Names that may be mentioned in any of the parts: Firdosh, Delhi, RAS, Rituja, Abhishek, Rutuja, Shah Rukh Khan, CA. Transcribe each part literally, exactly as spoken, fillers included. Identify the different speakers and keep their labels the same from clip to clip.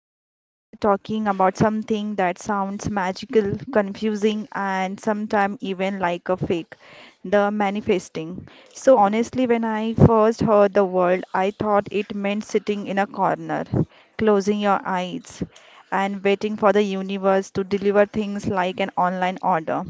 Speaker 1: and today we are talking about something that sounds magical, confusing and sometimes even like a fake, the manifesting. So honestly when I first heard the word, I thought it meant sitting in a corner, closing your eyes and waiting for the universe to deliver things like an online order.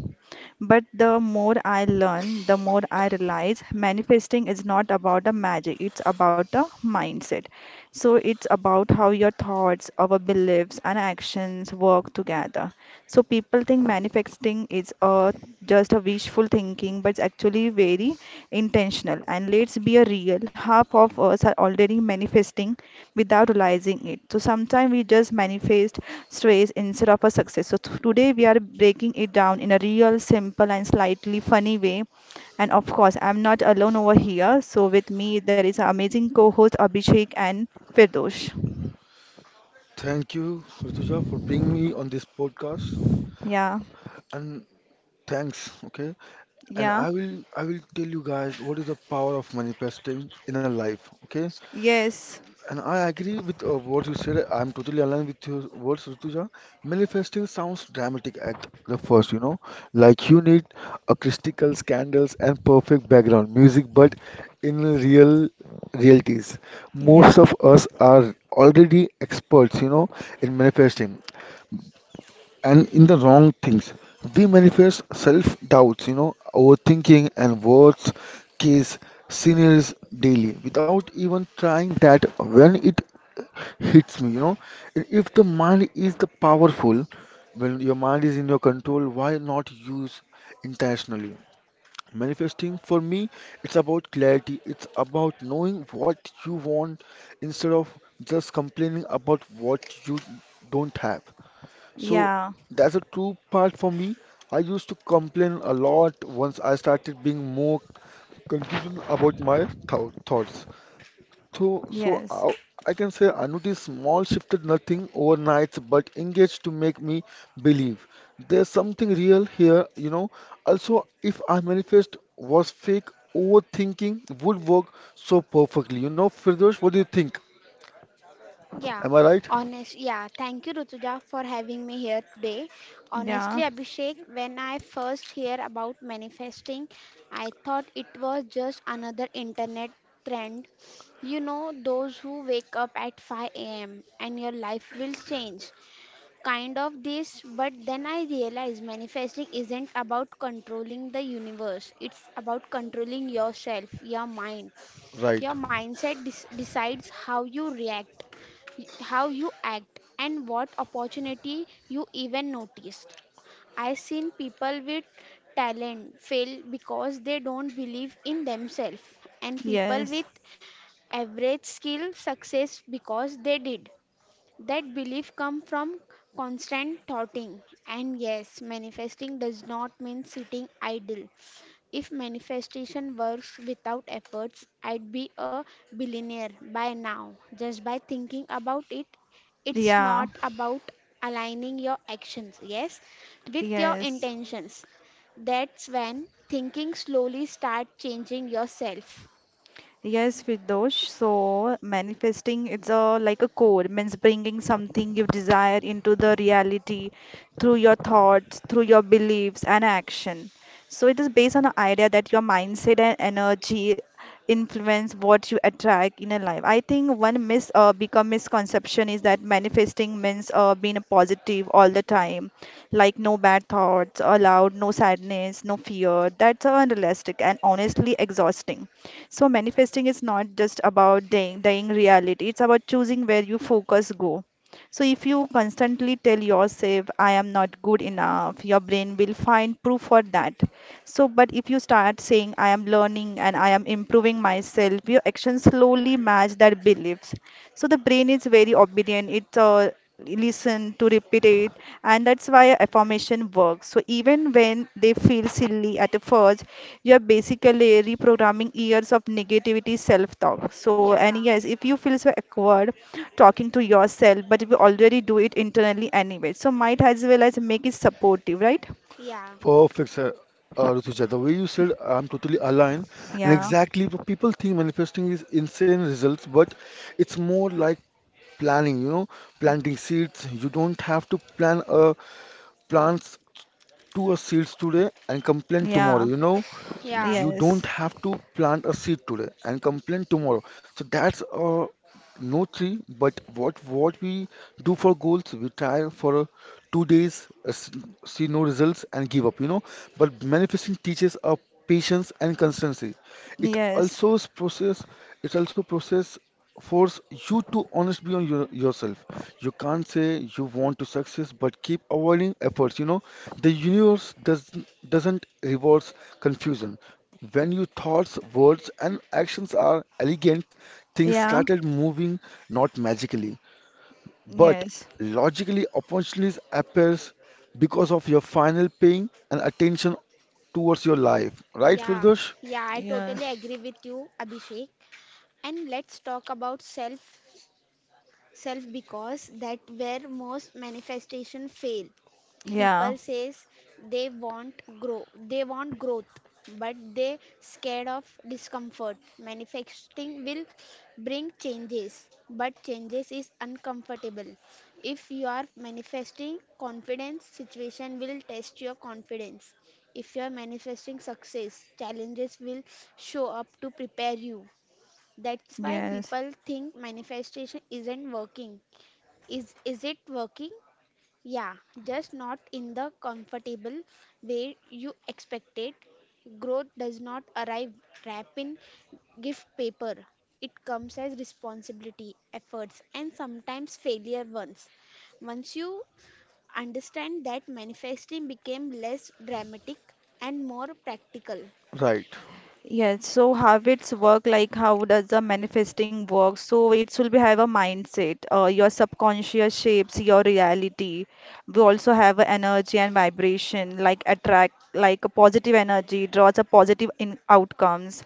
Speaker 1: But the more I learn, the more I realize manifesting is not about a magic, it's about a mindset. So it's about how your thoughts, our beliefs, and actions work together. So people think manifesting is a just a wishful thinking, but it's actually very intentional. And let's be a real, half of us are already manifesting without realizing it. So sometimes we just manifest stress instead of a success. So th- today we are breaking it down in a real, simple, and slightly funny way. And of course, I'm not alone over here. So with me, there is an amazing co-host Abhishek and Firdosh.
Speaker 2: Thank you, Rituja, for bringing me on this podcast.
Speaker 1: Yeah,
Speaker 2: And thanks, okay? And I
Speaker 1: yeah,
Speaker 2: will I will tell you guys what is the power of manifesting in a life, okay?
Speaker 1: yes,
Speaker 2: And I agree with uh, what you said. I'm totally aligned with your words, Rituja. Manifesting sounds dramatic at the first, you know, like you need acoustical scandals and perfect background music, but in real realities, most
Speaker 1: yeah,
Speaker 2: of us are already experts, you know, in manifesting, and in the wrong things. We manifest self doubts, you know, overthinking and worst case scenarios daily without even trying that when it hits me, you know. And if the mind is the powerful, when your mind is in your control, why not use intentionally? Manifesting for me, it's about clarity, it's about knowing what you want instead of just complaining about what you don't have. So
Speaker 1: yeah,
Speaker 2: that's a true part for me. I used to complain a lot once I started being more confused about my thou- thoughts. So, so
Speaker 1: yes,
Speaker 2: I, I can say I noticed small shifted nothing overnight, but engaged to make me believe there's something real here, you know. Also, if I manifest was fake, overthinking would work so perfectly. You know, Firdosh, what do you think?
Speaker 3: Yeah,
Speaker 2: Am I right?
Speaker 3: honest. Yeah, thank you, Rutuja, for having me here today. Honestly,
Speaker 1: yeah,
Speaker 3: Abhishek, when I first hear about manifesting, I thought it was just another internet trend. You know, those who wake up at five a m and your life will change. Kind of this, but then I realized manifesting isn't about controlling the universe. It's about controlling yourself, your mind.
Speaker 2: Right.
Speaker 3: Your mindset dis- decides how you react, y- how you act and what opportunity you even noticed. I've seen people with talent fail because they don't believe in themselves, and people with
Speaker 1: yes,
Speaker 3: average skill success because they did. That belief comes from constant thoughting. And yes, manifesting does not mean sitting idle. If manifestation works without efforts, I'd be a billionaire by now. Just by thinking about it, it's
Speaker 1: yeah,
Speaker 3: not about aligning your actions, yes, with your
Speaker 1: yes.
Speaker 3: intentions. That's when thinking slowly start changing yourself.
Speaker 1: Yes, Firdosh. So manifesting, it's a like a core, means bringing something you desire into the reality through your thoughts, through your beliefs and action. So it is based on the idea that your mindset and energy influence what you attract in a life. I think one mis uh, become misconception is that manifesting means uh, being a positive all the time, like no bad thoughts allowed, no sadness, no fear. That's unrealistic and honestly exhausting. So manifesting is not just about dying, dying reality. It's about choosing where you focus go. So if you constantly tell yourself, I am not good enough, your brain will find proof for that. So, but if you start saying, I am learning and I am improving myself, your actions slowly match that beliefs. So the brain is very obedient. It uh, listen to repeat it, and that's why affirmation works so even when they feel silly at first, you're basically reprogramming years of negativity self-talk. So and
Speaker 3: Yeah,
Speaker 1: yes, if you feel so awkward talking to yourself, but if you already do it internally anyway, so might as well as make it supportive, right?
Speaker 3: yeah.
Speaker 2: Perfect, sir. Uh, Rutuja, the way you said, I'm totally aligned. And
Speaker 1: Yeah,
Speaker 2: exactly what people think manifesting is insane results, but it's more like planning, you know, planting seeds. You don't have to plan a plants to a seeds today and complain
Speaker 1: yeah,
Speaker 2: tomorrow, you know.
Speaker 3: Yeah.
Speaker 2: You
Speaker 1: yes,
Speaker 2: don't have to plant a seed today and complain tomorrow. So that's uh, no tree, but what what we do for goals, we try for two days, uh, s- see no results, and give up, you know. But manifesting teaches us patience and consistency. It
Speaker 1: yes,
Speaker 2: also is process. It also process force you to honest beyond your, yourself. You can't say you want to success, but keep avoiding efforts. You know, the universe does doesn't rewards confusion. When your thoughts, words, and actions are elegant, things
Speaker 1: yeah,
Speaker 2: started moving not magically but
Speaker 1: yes,
Speaker 2: logically, opportunities appears because of your final paying and attention towards your life. Right,
Speaker 3: Yeah,
Speaker 2: Firdosh?
Speaker 3: yeah, I
Speaker 1: yeah,
Speaker 3: totally agree with you, Abhishek. And let's talk about self self because that where most manifestation fail.
Speaker 1: yeah,
Speaker 3: People says they want grow they want growth, but they scared of discomfort. Manifesting will bring changes, but changes is uncomfortable. If you are manifesting confidence, situation will test your confidence. If you are manifesting success, challenges will show up to prepare you. That's why
Speaker 1: yes.
Speaker 3: people think manifestation isn't working. Is is it working? Yeah, just not in the comfortable way you expected. Growth does not arrive wrapped in gift paper. It comes as responsibility, efforts, and sometimes failure once. Once you understand that, manifesting became less dramatic and more practical.
Speaker 2: Right.
Speaker 1: Yes, so habits work like how does the manifesting work? So it will be have a mindset. Uh, your subconscious shapes your reality. We also have a energy and vibration, like attract, like a positive energy draws a positive in outcomes,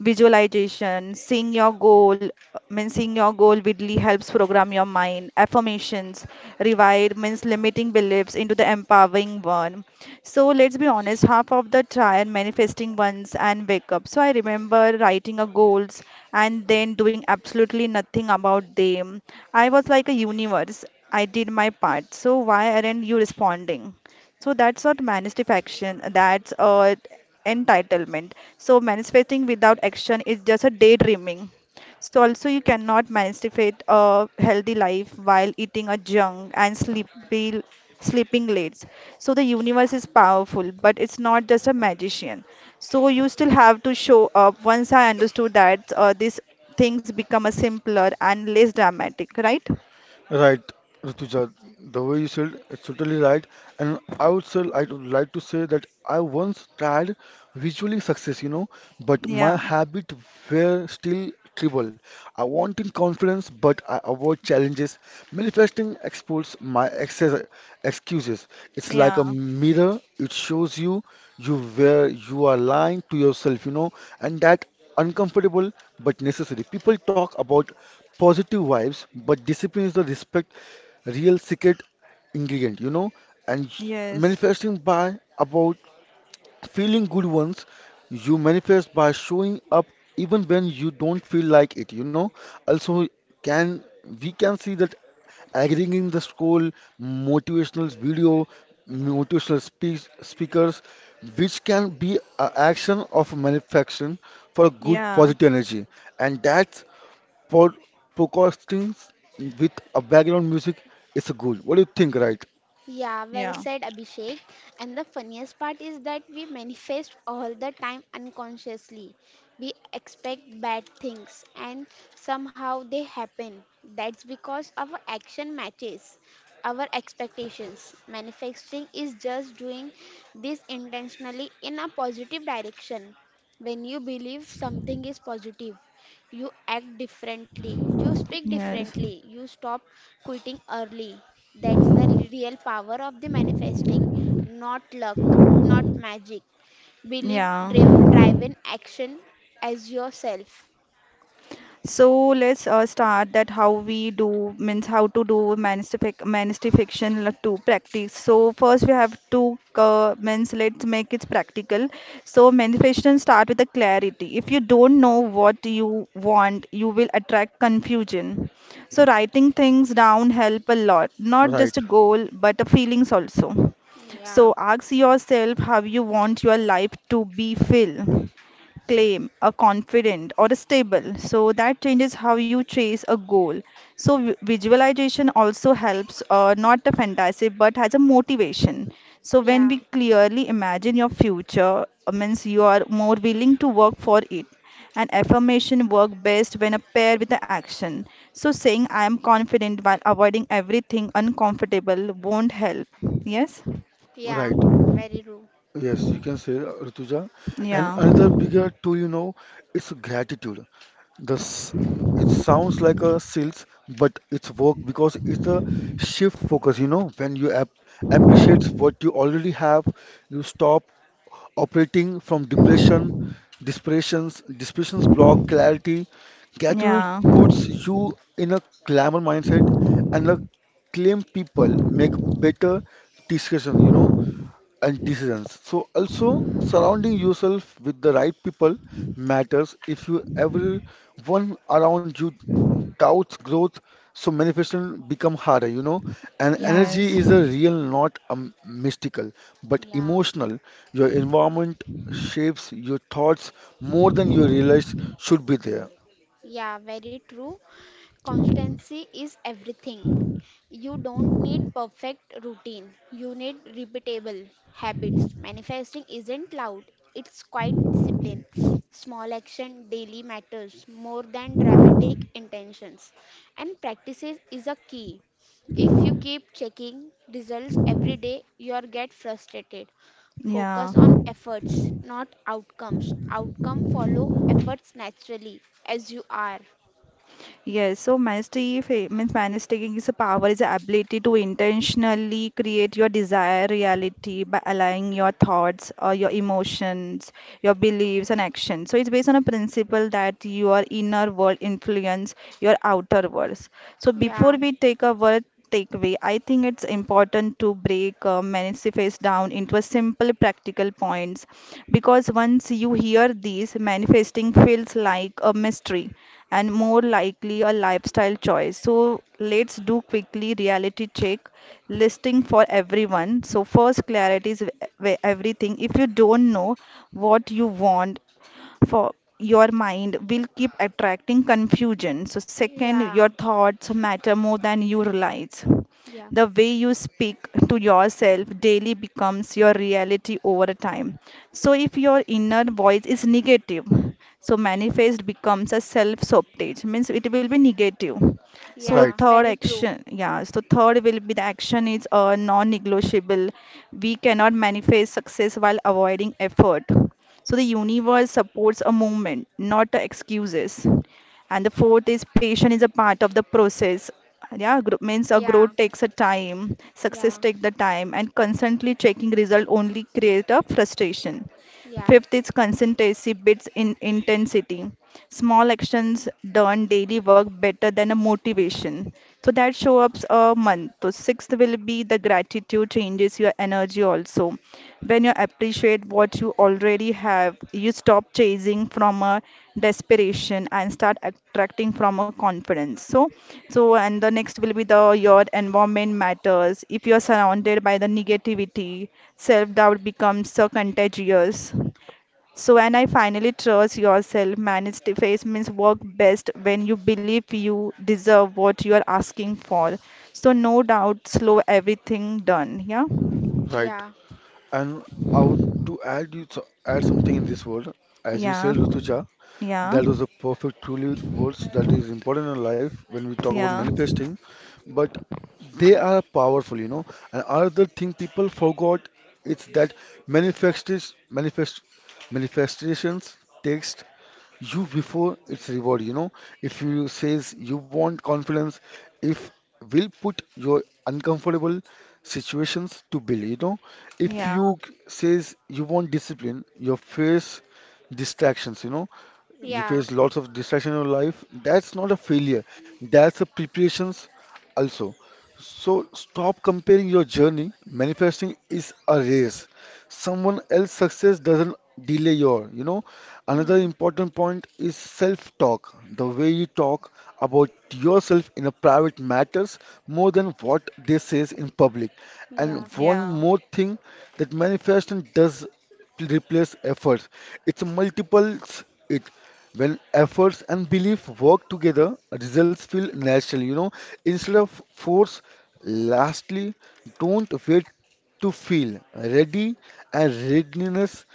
Speaker 1: visualization seeing your goal means seeing your goal really helps program your mind. Affirmations rewire means limiting beliefs into the empowering one. So let's be honest, half of the try and manifesting ones and wake up. So I remember writing a goals and then doing absolutely nothing about them. I was like, a universe, I did my part, so why aren't you responding? So that's not manifestation, that's uh, entitlement. So manifesting without action is just a daydreaming. So also you cannot manifest a healthy life while eating a junk and sleepy, sleeping late. So the universe is powerful, but it's not just a magician. So you still have to show up. Once I understood that, uh, these things become a simpler and less dramatic, right?
Speaker 2: Right, Rituja. The way you said, it's totally right. And I would say I would like to say that I once tried visually success, you know, but my
Speaker 1: Yeah,
Speaker 2: habit were still tribal. I wanted confidence, but I avoid challenges. Manifesting exposes my excess excuses. It's like a
Speaker 1: yeah,
Speaker 2: mirror. It shows you you where you are lying to yourself, you know, and that uncomfortable but necessary. People talk about positive vibes, but discipline is the respect real secret ingredient, you know. And
Speaker 1: yes,
Speaker 2: manifesting by about feeling good ones, you manifest by showing up even when you don't feel like it, you know. Also, can we can see that aggregating the scroll, motivational video, motivational speech, speakers, which can be an action of manifestation for good
Speaker 1: yeah,
Speaker 2: positive energy, and that's for podcasting with a background music is good. What do you think, right?
Speaker 3: Yeah, well
Speaker 1: yeah.
Speaker 3: said, Abhishek. And the funniest part is that we manifest all the time unconsciously. We expect bad things and somehow they happen. That's because our action matches our expectations. Manifesting is just doing this intentionally in a positive direction. When you believe something is positive, you act differently, you speak
Speaker 1: Yes.
Speaker 3: differently, you stop quitting early. That's the real power of the manifesting, not luck, not magic. Believe
Speaker 1: Yeah.
Speaker 3: driv- driven action as yourself.
Speaker 1: So let's uh, start that how we do, means how to do manifest manifestation like to practice. So first we have to uh, means let's make it practical. So manifestation start with the clarity. If you don't know what you want, you will attract confusion. So writing things down help a lot. Not
Speaker 2: Right,
Speaker 1: just a goal, but the feelings also.
Speaker 3: Yeah,
Speaker 1: So ask yourself how you want your life to be filled. Claim, a confident, or a stable. So that changes how you chase a goal. So vi- visualization also helps, uh, not a fantasy, but has a motivation. So when
Speaker 3: yeah,
Speaker 1: we clearly imagine your future, uh, means you are more willing to work for it. And affirmation work best when a pair with the action. So saying I am confident while avoiding everything uncomfortable won't help. Yes?
Speaker 3: yeah,
Speaker 2: right.
Speaker 3: very true.
Speaker 2: Yes, you can say uh, Rituja. And
Speaker 1: Yeah.
Speaker 2: another bigger tool, you know, is gratitude. This it sounds like a sales, but it's work because it's a shift focus. You know, when you ap appreciate what you already have, you stop operating from depression, desperations, desperations block clarity. Gratitude
Speaker 1: Yeah.
Speaker 2: puts you in a glamour mindset and a claim people make better decisions. You know and decisions. So also surrounding yourself with the right people matters. If you everyone around you doubts growth, so manifestation become harder, you know. And
Speaker 3: Yeah,
Speaker 1: Yes.
Speaker 2: energy is a real, not a m- mystical, but
Speaker 3: yeah.
Speaker 2: emotional. Your environment shapes your thoughts more than you realize should be there.
Speaker 3: Yeah, very true. Constancy is everything. You don't need perfect routine. You need repeatable habits. Manifesting isn't loud. It's quite discipline. Small action daily matters more than dramatic intentions. And practices is a key. If you keep checking results every day, you'll get frustrated.
Speaker 1: Yeah.
Speaker 3: Focus on efforts, not outcomes. Outcome follow efforts naturally as you are.
Speaker 1: Yes, so manifesting means manifesting is a power, is the ability to intentionally create your desired reality by aligning your thoughts or your emotions, your beliefs and actions. So it's based on a principle that your inner world influence your outer worlds. So
Speaker 3: Yeah,
Speaker 1: before we take a word takeaway, I think it's important to break uh, manifest down into a simple practical points because once you hear these, manifesting feels like a mystery and more likely a lifestyle choice. So let's do quickly reality check listing for everyone. So first, clarity is w- everything. If you don't know what you want, for your mind will keep attracting confusion. So, second, your
Speaker 3: yeah,
Speaker 1: thoughts matter more than you realize.
Speaker 3: yeah,
Speaker 1: The way you speak to yourself daily becomes your reality over time. So, if your inner voice is negative, so manifest becomes a self sabotage, means it will be negative. So,
Speaker 2: Right,
Speaker 3: yeah,
Speaker 1: third
Speaker 3: very true.
Speaker 1: action, yeah, so third will be the action is uh, non negotiable. We cannot manifest success while avoiding effort. So the universe supports a movement, not the excuses. And the fourth is patience is a part of the process. Yeah, gro- means a
Speaker 3: Yeah,
Speaker 1: growth takes a time, success
Speaker 3: yeah,
Speaker 1: takes the time, and constantly checking result only create a frustration.
Speaker 3: yeah,
Speaker 1: Fifth is consistency beats in intensity. Small actions done daily work better than a motivation. So that shows up a month. So sixth will be the gratitude changes your energy also. When you appreciate what you already have, you stop chasing from a desperation and start attracting from a confidence. So, so and the next will be the your environment matters. If you are surrounded by the negativity, self-doubt becomes so contagious. So, and I finally trust yourself. Manage to face means work best when you believe you deserve what you are asking for. So, no doubt, slow everything done. Yeah,
Speaker 2: right.
Speaker 3: yeah,
Speaker 2: And I would to add you so add something in this world, as you
Speaker 1: yeah,
Speaker 2: said, Rutuja.
Speaker 1: yeah.
Speaker 2: That was a perfect, truly words that is important in life when we talk about
Speaker 1: Yeah,
Speaker 2: manifesting, but they are powerful, you know. And other thing people forgot it's that manifestis manifest manifestations takes you before its reward, you know. If you says you want confidence, if will put your uncomfortable situations to build, you know. If
Speaker 1: yeah,
Speaker 2: you says you want discipline, your face distractions, you know, you
Speaker 3: yeah.
Speaker 2: face lots of distraction in your life. That's not a failure, that's a preparations also. So stop comparing your journey. Manifesting is a race. Someone else's success doesn't delay your, you know. Another
Speaker 3: Hmm.
Speaker 2: important point is self talk. The way you talk about yourself in a private matters more than what they says in public. And
Speaker 3: Yeah,
Speaker 2: one
Speaker 1: yeah,
Speaker 2: more thing, that manifestation does replace efforts. It's multiples it. When efforts and belief work together, results feel natural, you know, instead of force. Lastly, don't wait to feel ready, and readiness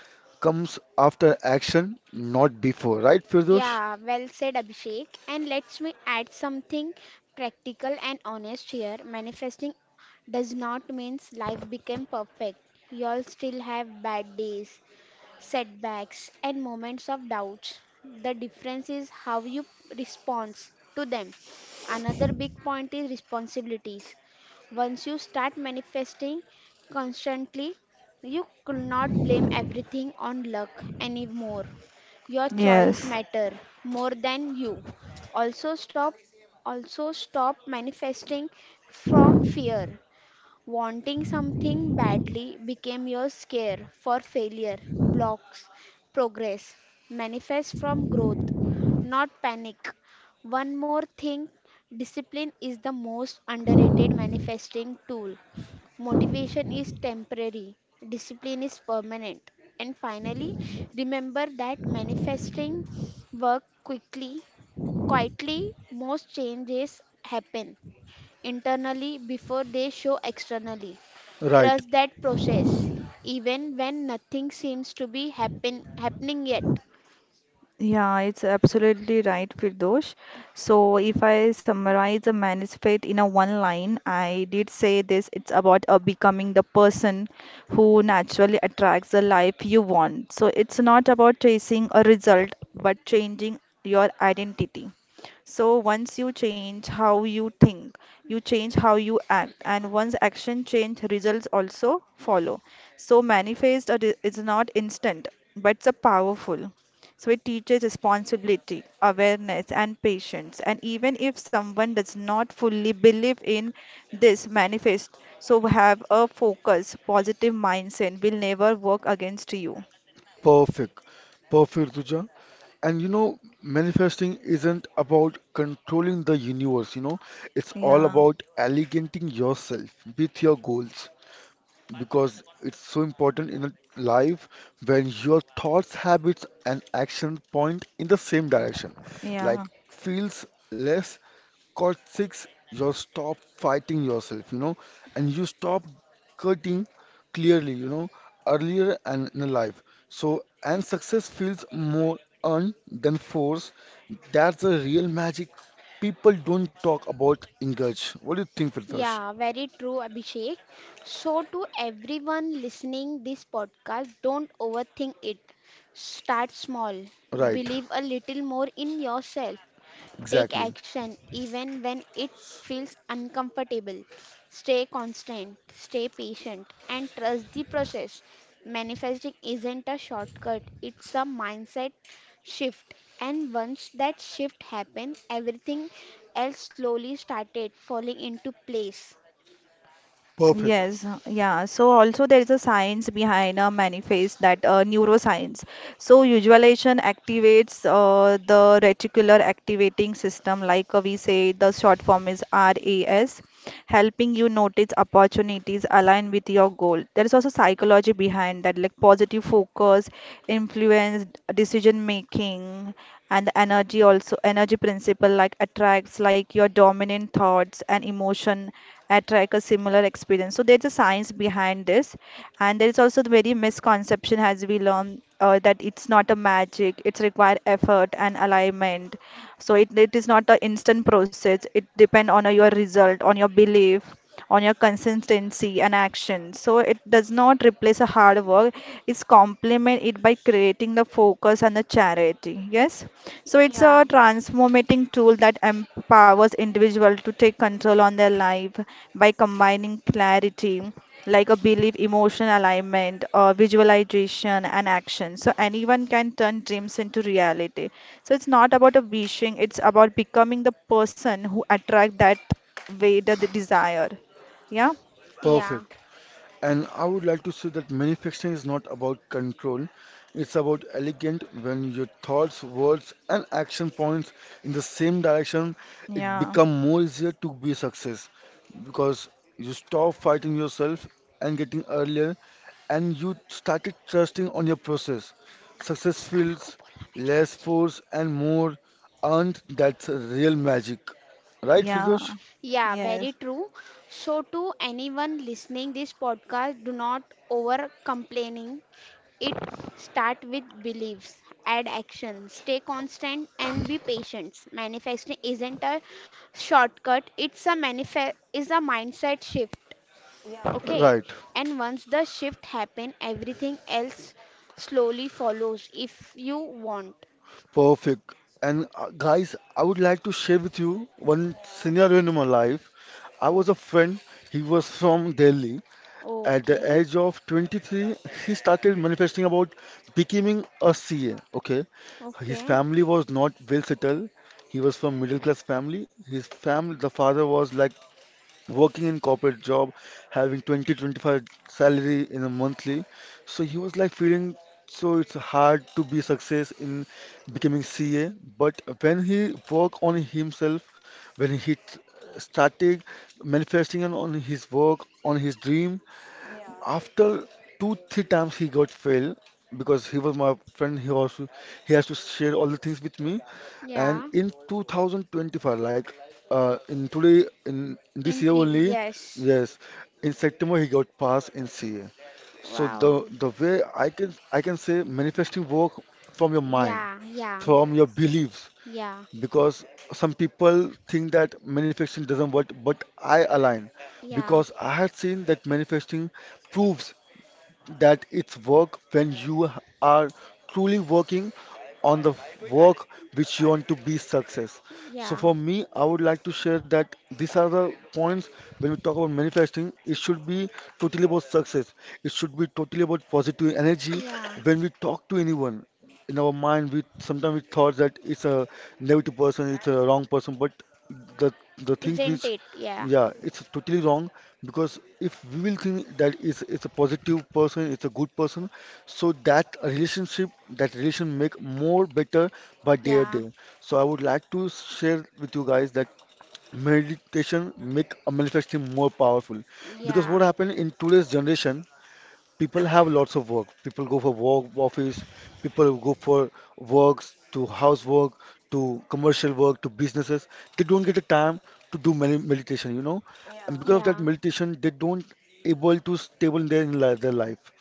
Speaker 2: comes after action, not before. Right, Firdosh?
Speaker 3: yeah, well said, Abhishek. And let me add something practical and honest here. Manifesting does not mean life became perfect. You all still have bad days, setbacks, and moments of doubts. The difference is how you respond to them. Another big point is responsibilities. Once you start manifesting constantly, you could not blame everything on luck anymore. Your choice
Speaker 1: yes.
Speaker 3: matter more than you. Also stop also stop manifesting from fear. Wanting something badly became your scare for failure, blocks, progress. Manifest from growth, not panic. One more thing: discipline is the most underrated manifesting tool. Motivation is temporary, discipline is permanent. And finally, remember that manifesting work quickly, quietly. Most changes happen internally before they show externally.
Speaker 2: Right,
Speaker 3: Trust that process, even when nothing seems to be happen, happening yet.
Speaker 1: Yeah, it's absolutely right, Firdosh. So, if I summarize the manifest in a one line, I did say this it's about uh, becoming the person who naturally attracts the life you want. So, it's not about chasing a result, but changing your identity. So once you change how you think, you change how you act, and once action change, results also follow. So manifest are- is not instant, but it's a powerful. So it teaches responsibility, awareness, and patience. And even if someone does not fully believe in this manifest, so have a focus, positive mindset will never work against you.
Speaker 2: perfect. Perfect, Ruja. And you know, manifesting isn't about controlling the universe, you know, it's all
Speaker 1: Yeah,
Speaker 2: about alligating yourself with your goals, because it's so important in a life when your thoughts, habits, and action point in the same direction. Like
Speaker 1: yeah.
Speaker 2: feels less caustic, you stop fighting yourself, you know, and you stop cutting clearly, you know, earlier and in life. So, and success feels more earned than force. That's the real magic people don't talk about in Gaj. What do you think, Firdaus?
Speaker 3: Yeah, very true, Abhishek. So, to everyone listening this podcast, don't overthink it. Start small.
Speaker 2: Right,
Speaker 3: Believe a little more in yourself. Take
Speaker 2: exactly.
Speaker 3: action even when it feels uncomfortable. Stay constant, stay patient, and trust the process. Manifesting isn't a shortcut, it's a mindset shift. And once that shift happened, everything else slowly started falling into place.
Speaker 2: Perfect.
Speaker 1: Yes, uh, yeah. So also there is a science behind a manifest that uh, neuroscience. So visualization activates uh, the reticular activating system, like uh, we say the short form is R A S, helping you notice opportunities align with your goal. There is also psychology behind that, like positive focus, influence, decision making, and the energy also energy principle like attracts like your dominant thoughts and emotion attract a similar experience. So there's a science behind this, and there is also the very misconception as we learn uh, that it's not a magic. It's require effort and alignment. So it, it is not an instant process. It depend on uh, your result, on your belief, on your consistency and action. So it does not replace a hard work, it's complement it by creating the focus and the charity. Yes, so it's
Speaker 3: Yeah.
Speaker 1: a transformating tool that empowers individuals to take control on their life by combining clarity, like a belief, emotion alignment, uh, visualization, and action. So anyone can turn dreams into reality. So it's not about a wishing; it's about becoming the person who attract that way that they desire. Yeah,
Speaker 3: Yeah.
Speaker 2: Perfect. And I would like to say that manifestation is not about control, it's about elegant when your thoughts, words, and action points in the same direction, it
Speaker 1: yeah,
Speaker 2: become more easier to be success because you stop fighting yourself and getting earlier and you started trusting on your process.
Speaker 3: खत्म
Speaker 2: Success
Speaker 3: मत करना, वो
Speaker 2: feels
Speaker 3: बोलना, मैं छुपी
Speaker 2: less
Speaker 3: छी.
Speaker 2: force and more earned. That's real magic. Right,
Speaker 1: yeah,
Speaker 2: Firdosh?
Speaker 3: Yeah, very
Speaker 1: yes.
Speaker 3: true. So, to anyone listening this podcast, do not over complaining. It start with beliefs, add action, stay constant, and be patient. Manifesting isn't a shortcut; it's a manifest is a mindset shift.
Speaker 1: Yeah,
Speaker 3: Okay,
Speaker 2: Right.
Speaker 3: and once the shift happen, everything else slowly follows. If you want,
Speaker 2: Perfect. And uh, guys, I would like to share with you one
Speaker 1: yeah,
Speaker 2: scenario in my life. I was
Speaker 1: mm,
Speaker 2: a friend, he was from Delhi. At the
Speaker 3: okay,
Speaker 2: age of twenty-three, he started manifesting about becoming a C A. Okay, his
Speaker 3: okay,
Speaker 2: family was not well settled. He was from middle class family. His family, the father was like working in corporate job, having twenty, twenty-five salary in a monthly. So he was like feeling so it's hard to be success in becoming C A. But when he work on himself, when he t- started manifesting on on his work, on his dream,
Speaker 1: yeah,
Speaker 2: after two, three times he got fail because he was my friend. He also he has to share all the things with me. And
Speaker 3: yeah.
Speaker 2: in two thousand twenty-five, like uh, in today, in, in this
Speaker 3: In
Speaker 2: year
Speaker 3: previous,
Speaker 2: only,
Speaker 3: yes,
Speaker 2: yes, in September he got passed in C A. So
Speaker 3: wow.
Speaker 2: the the way I can I can say manifesting work from your mind,
Speaker 3: Yeah, yeah,
Speaker 1: yeah,
Speaker 2: from your beliefs,
Speaker 3: yeah,
Speaker 2: because some people think that manifesting doesn't work, but I align
Speaker 3: yeah,
Speaker 2: because I had seen that manifesting proves that it's work when you h- are truly working on the work which you want to be success. So
Speaker 3: yeah,
Speaker 2: for me, I would like to share that these are the points when we talk about manifesting. It should be totally about success. It should be totally about positive energy
Speaker 3: yeah.
Speaker 2: when we talk to anyone. In our mind, we sometimes we thought that it's a negative person, it's a wrong person, but the the thing
Speaker 3: Isn't
Speaker 2: which
Speaker 3: it? Yeah,
Speaker 2: yeah, it's totally wrong. Because if we will think that it's, it's a positive person, it's a good person, so that relationship, that relation make more better by day or
Speaker 3: yeah,
Speaker 2: day. So I would like to share with you guys that meditation make a manifesting more powerful. Because
Speaker 3: yeah,
Speaker 2: what happened in today's generation, people have lots of work. People go for work, office, people go for works to housework, to commercial work, to businesses. They don't get the time to do med- meditation, you know, and
Speaker 1: yeah,
Speaker 2: because of that
Speaker 3: yeah,
Speaker 2: meditation, they don't able to stable in their in li- their life.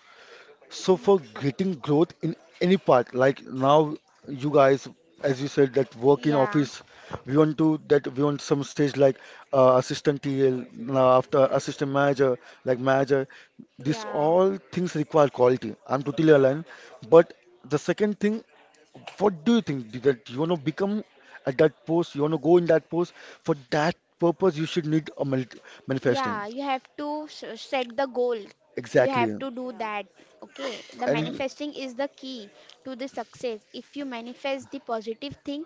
Speaker 2: So for getting growth in any part, like now you guys, as you said, that work in
Speaker 3: yeah,
Speaker 2: office, we want to that we want some stage like uh, assistant T L, now after
Speaker 1: yes,
Speaker 2: assistant manager, like manager. This
Speaker 3: yeah,
Speaker 2: all things require quality. I'm totally aligned. But the second thing, what do you think that you want to become at that post? You want to go in that post? For that purpose, you should need a mani- manifesting.
Speaker 3: yeah. You have to s- set the goal. You have
Speaker 2: Exactly.
Speaker 3: to do
Speaker 1: yeah.
Speaker 3: that. Okay. The
Speaker 2: And
Speaker 3: manifesting is the key to the success. If you manifest the positive thing,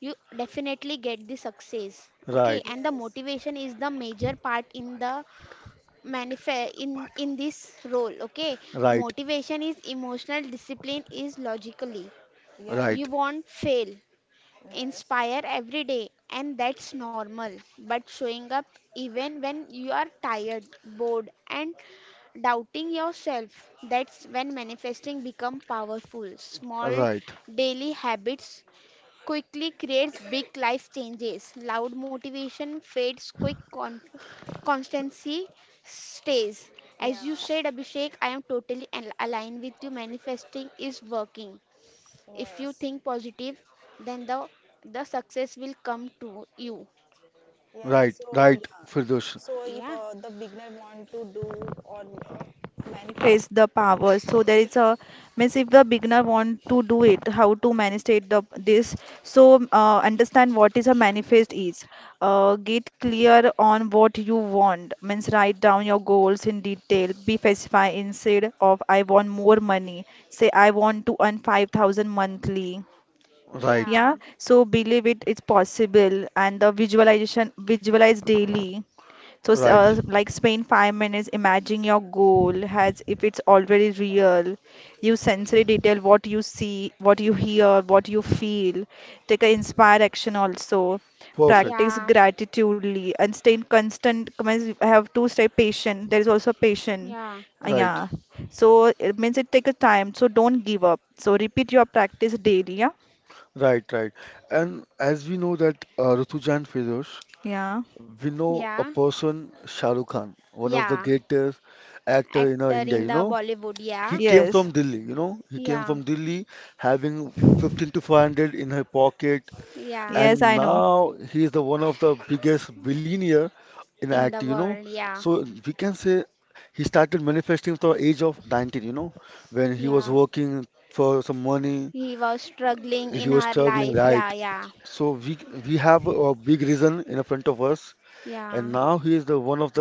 Speaker 3: you definitely get the success. Okay.
Speaker 2: right.
Speaker 3: And the
Speaker 1: Yes,
Speaker 3: motivation is the major part in the manifest in in this role. Okay,
Speaker 2: Right.
Speaker 3: motivation is emotional, discipline is logically.
Speaker 1: yeah,
Speaker 3: You
Speaker 2: Right,
Speaker 3: won't fail
Speaker 1: yes,
Speaker 3: inspire every day, and that's normal, but showing up even when you are tired, bored, and doubting yourself, that's when manifesting become powerful. Small
Speaker 2: right,
Speaker 3: daily habits quickly creates big life changes. Loud motivation fades, quick conf- constancy stays.
Speaker 1: yeah,
Speaker 3: As you said, Abhishek, I am totally al- aligned with you. Manifesting is working. If you
Speaker 1: yes,
Speaker 3: think positive, then the the success will come to you.
Speaker 2: right,
Speaker 1: yes. So
Speaker 2: right,
Speaker 1: yeah,
Speaker 2: Firdaus.
Speaker 1: so if
Speaker 3: Yeah,
Speaker 1: uh, the beginner want to do or uh, manifest the power, so there is a means if the beginner want to do it, how to manifest the this. So uh, understand what is a manifest is. Uh, get clear on what you want. Means write down your goals in detail. Be specific instead of I want more money. Say I want to earn five thousand monthly.
Speaker 2: Right,
Speaker 1: Yeah,
Speaker 3: yeah,
Speaker 1: so believe it is possible and the visualization visualize daily. So s-
Speaker 2: right,
Speaker 1: uh, like spend five minutes imagining your goal has if it's already real. Use sensory detail what you see, what you hear, what you feel. Take an inspired action also.
Speaker 2: perfect.
Speaker 1: Practice
Speaker 3: yeah,
Speaker 1: gratitudely and stay in constant. commis- I have to stay patient. There is also patient.
Speaker 3: yeah,
Speaker 1: Uh,
Speaker 2: Right,
Speaker 1: Yeah, so it means it take a time. So don't give up. So repeat your practice daily. Yeah,
Speaker 2: right, right. And as we know that uh, Rutuja and Firdaus,
Speaker 1: yeah.
Speaker 2: we know a
Speaker 3: yeah,
Speaker 2: person, Shah Rukh Khan, one of the
Speaker 3: yeah.
Speaker 2: greatest actor in uh,
Speaker 3: Actor
Speaker 2: India.
Speaker 3: in
Speaker 2: You
Speaker 3: the
Speaker 2: know,
Speaker 3: Bollywood.
Speaker 2: he
Speaker 3: Yeah,
Speaker 2: came from
Speaker 1: Yes,
Speaker 2: Delhi. You know, he came
Speaker 3: yeah,
Speaker 2: from Delhi, having fifteen to five hundred in her pocket,
Speaker 3: yeah.
Speaker 1: yes,
Speaker 2: and
Speaker 1: I know.
Speaker 2: now he is the one of the biggest billionaire in
Speaker 3: In
Speaker 2: act,
Speaker 3: the
Speaker 2: you know.
Speaker 3: world. Yeah,
Speaker 2: So we can say he started manifesting from the age of nineteen, you know, when he was
Speaker 3: yeah.
Speaker 2: working for some money.
Speaker 3: He was struggling
Speaker 2: He
Speaker 3: in
Speaker 2: was
Speaker 3: her
Speaker 2: struggling,
Speaker 3: life.
Speaker 2: right?
Speaker 3: Yeah, yeah,
Speaker 2: So we we have a big reason in front of us, and
Speaker 3: yeah.
Speaker 2: now he is the one of the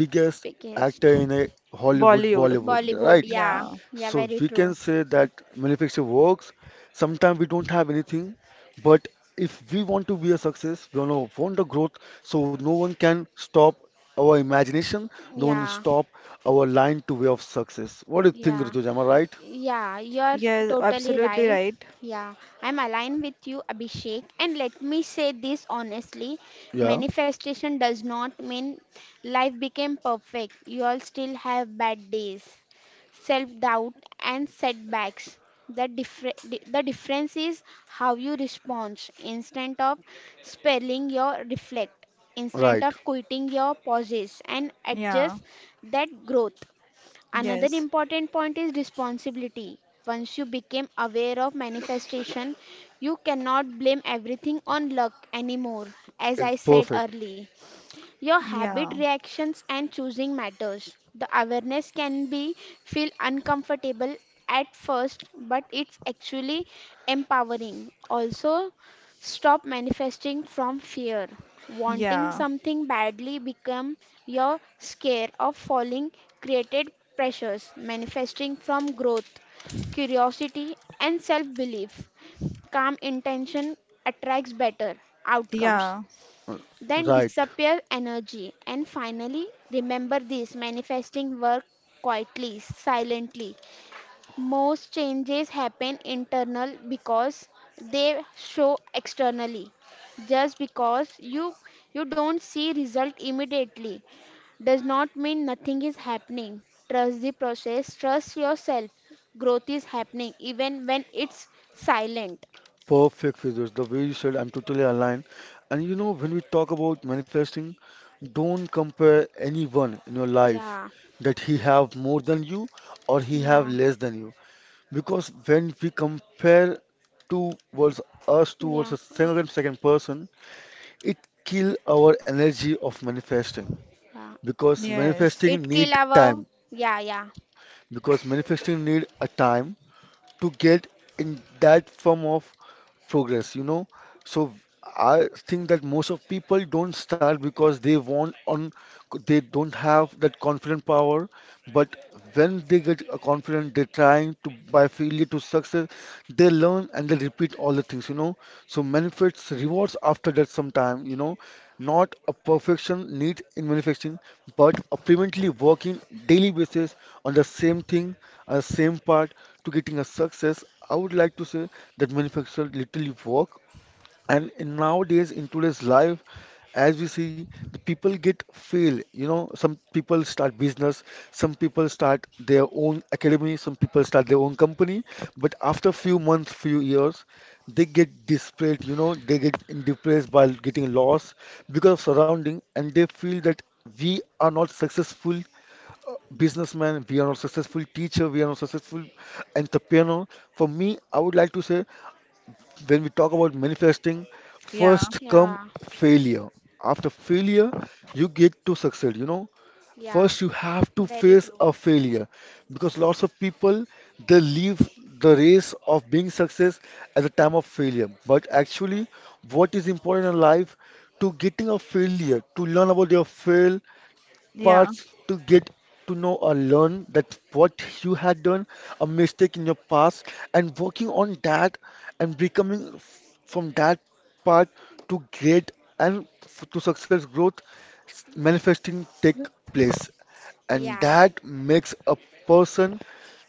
Speaker 2: biggest
Speaker 3: Biggest
Speaker 2: actor in a Hollywood
Speaker 1: Bollywood.
Speaker 2: Bollywood,
Speaker 3: Bollywood.
Speaker 2: right?
Speaker 3: Yeah,
Speaker 1: Yeah.
Speaker 3: yeah,
Speaker 2: So
Speaker 3: very
Speaker 2: we can
Speaker 3: true.
Speaker 2: say that manufacturing works. Sometimes we don't have anything, but if we want to be a success, we wanna want the growth, so no one can stop our imagination, no one
Speaker 3: Yeah,
Speaker 2: stop our line to way of success. What do you think,
Speaker 3: yeah.
Speaker 2: Rituja? Am I right?
Speaker 3: Yeah, you're
Speaker 1: Yes,
Speaker 3: totally
Speaker 1: absolutely
Speaker 3: right.
Speaker 1: right.
Speaker 3: Yeah, I'm aligned with you, Abhishek. And let me say this honestly:
Speaker 2: Yeah,
Speaker 3: manifestation does not mean life became perfect. You all still have bad days, self doubt, and setbacks. The, differ- di- the difference is how you respond, instead of spelling your reflect, instead
Speaker 2: right.
Speaker 3: of quitting your pauses and
Speaker 1: Yeah.
Speaker 3: adjust that growth. Another
Speaker 1: Yes.
Speaker 3: important point is responsibility. Once you became aware of manifestation, you cannot blame everything on luck anymore, as
Speaker 2: It-
Speaker 3: I said
Speaker 2: Perfect.
Speaker 3: early. Your habit,
Speaker 1: Yeah.
Speaker 3: reactions, and choosing matters. The awareness can be feel uncomfortable at first, but it's actually empowering. Also, stop manifesting from fear. Wanting
Speaker 1: Yeah.
Speaker 3: something badly become your scare of falling, created pressures. Manifesting from growth, curiosity, and self belief, calm intention attracts better outcomes
Speaker 1: Yeah.
Speaker 2: Uh,
Speaker 3: then
Speaker 2: Right.
Speaker 3: disappear energy. And finally, remember this: manifesting work quietly, silently. Most changes happen internal because they show externally. Just because you you don't see result immediately does not mean nothing is happening. Trust the process, trust yourself. Growth is happening even when it's silent.
Speaker 2: Perfect, Firdous. The way you said, I'm totally aligned. And you know, when we talk about manifesting, don't compare anyone in your life,
Speaker 3: Yeah,
Speaker 2: that he have more than you or he have
Speaker 3: yeah,
Speaker 2: less than you. Because when we compare towards us towards
Speaker 3: yeah,
Speaker 2: a second second person, it kill our energy of manifesting.
Speaker 3: yeah.
Speaker 2: Because
Speaker 1: Yes.
Speaker 2: manifesting
Speaker 3: Itki
Speaker 2: need
Speaker 3: लावव.
Speaker 2: time.
Speaker 3: Yeah, yeah,
Speaker 2: Because manifesting need a time to get in that form of progress, you know. So I think that most of people don't start because they want on they don't have that confident power, but when they get a confident, they're trying to by failure to success, they learn and they repeat all the things, you know. So benefits rewards after that sometime, you know, not a perfection need in manufacturing, but a permanently working daily basis on the same thing, uh, same part to getting a success. I would like to say that manufacturer literally work. And in nowadays, in today's life, as we see, the people get fail. You know, some people start business, some people start their own academy, some people start their own company. But after few months, few years, they get desperate. You know, they get depressed by getting lost because of surrounding, and they feel that we are not successful businessman, we are not successful teacher, we are not successful entrepreneur. For me, I would like to say when we talk about manifesting,
Speaker 1: Yeah.
Speaker 2: first come
Speaker 3: yeah,
Speaker 2: failure. After failure, you get to succeed, you know.
Speaker 3: yeah,
Speaker 2: First, you have to
Speaker 3: very
Speaker 2: face
Speaker 3: true.
Speaker 2: a failure because lots of people they leave the race of being success at the time of failure. But actually, what is important in life to getting a failure to learn about your fail
Speaker 1: Yeah.
Speaker 2: parts to get to know or learn that what you had done, a mistake in your past, and working on that and becoming f- from that part to great and f- to success growth s- manifesting take place. And
Speaker 3: Yeah,
Speaker 2: that makes a person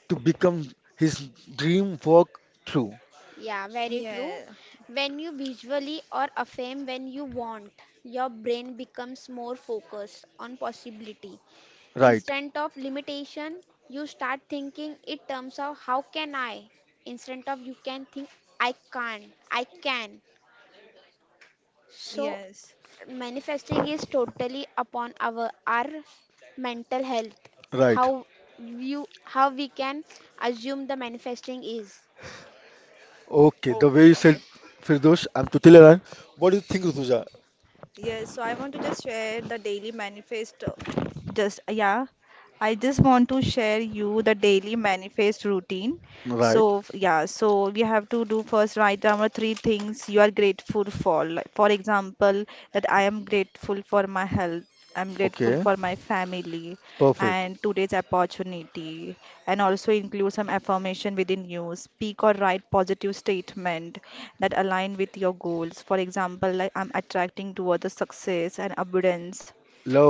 Speaker 2: to become his dream work through.
Speaker 3: yeah, very true.
Speaker 1: Yeah.
Speaker 3: When you visually or affirm when you want, your brain becomes more focused on possibility
Speaker 2: Right,
Speaker 3: instead of limitation. You start thinking in terms of how can I instead of you can think I can't. I can. So
Speaker 1: Yes.
Speaker 3: manifesting is totally upon our our mental health.
Speaker 2: right.
Speaker 3: How you how we can assume the manifesting is.
Speaker 2: Okay, the way you said,
Speaker 1: Okay.
Speaker 2: Firdosh, I'm totally right. What do you think, Rutuja?
Speaker 1: Yes. So I want to just share the daily manifesto. Just, yeah. I just want to share you the daily manifest routine.
Speaker 2: Right,
Speaker 1: So f- yeah, so we have to do first write down our three things you are grateful for. Like, for example, that I am grateful for my health. I'm grateful
Speaker 2: okay,
Speaker 1: for my family
Speaker 2: perfect.
Speaker 1: and today's opportunity, and also include some affirmation within you. Speak or write positive statement that align with your goals. For example, like I'm attracting towards the success and abundance,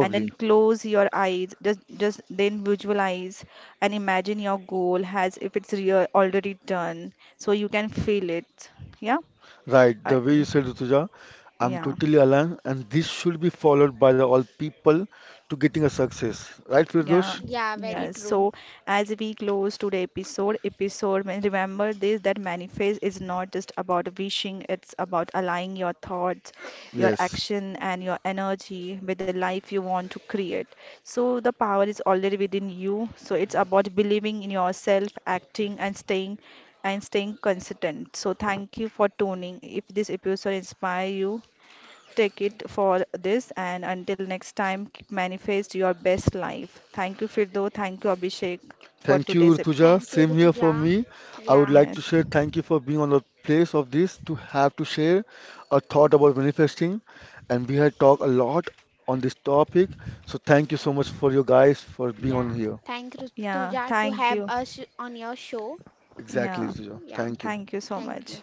Speaker 1: and then close your eyes, just just then visualize and imagine your goal has if it's real already done so you can feel it. Yeah,
Speaker 2: Right. The
Speaker 1: I,
Speaker 2: way you said, Rutuja, I'm
Speaker 1: yeah.
Speaker 2: totally aligned, and this should be followed by the all people to getting a success. Right,
Speaker 1: Yeah,
Speaker 2: Firdosh?
Speaker 3: Yeah, very
Speaker 1: yeah.
Speaker 3: true.
Speaker 1: So as we close today episode, episode, may- remember this that manifest is not just about wishing, it's about aligning your thoughts, your
Speaker 2: Yes.
Speaker 1: action, and your energy with the life you want to create. So the power is already within you. So it's about believing in yourself, acting, and staying and staying consistent. So thank you for tuning. If this episode inspire you, take it for this. And until next time, keep manifest your best life. Thank you, Firdo. Thank you, Abhishek, for
Speaker 2: Thank you,
Speaker 1: today's. ep-
Speaker 2: Rutuja.
Speaker 3: Thank you,
Speaker 2: Same here
Speaker 3: Rutuja.
Speaker 2: for me. I would
Speaker 3: Yeah,
Speaker 2: like to
Speaker 1: Yes.
Speaker 2: share thank you for being on the place of this to have to share a thought about manifesting. And we had talked a lot on this topic. So thank you so much for you guys for being
Speaker 3: yeah,
Speaker 2: on here.
Speaker 3: thank
Speaker 1: Yeah.
Speaker 3: Rutuja to
Speaker 1: Thank
Speaker 3: have
Speaker 1: you.
Speaker 3: us on your show.
Speaker 2: Exactly,
Speaker 1: Yeah.
Speaker 2: Rutuja.
Speaker 3: Yeah,
Speaker 2: Thank you.
Speaker 1: Thank you so
Speaker 3: thank you.
Speaker 1: much.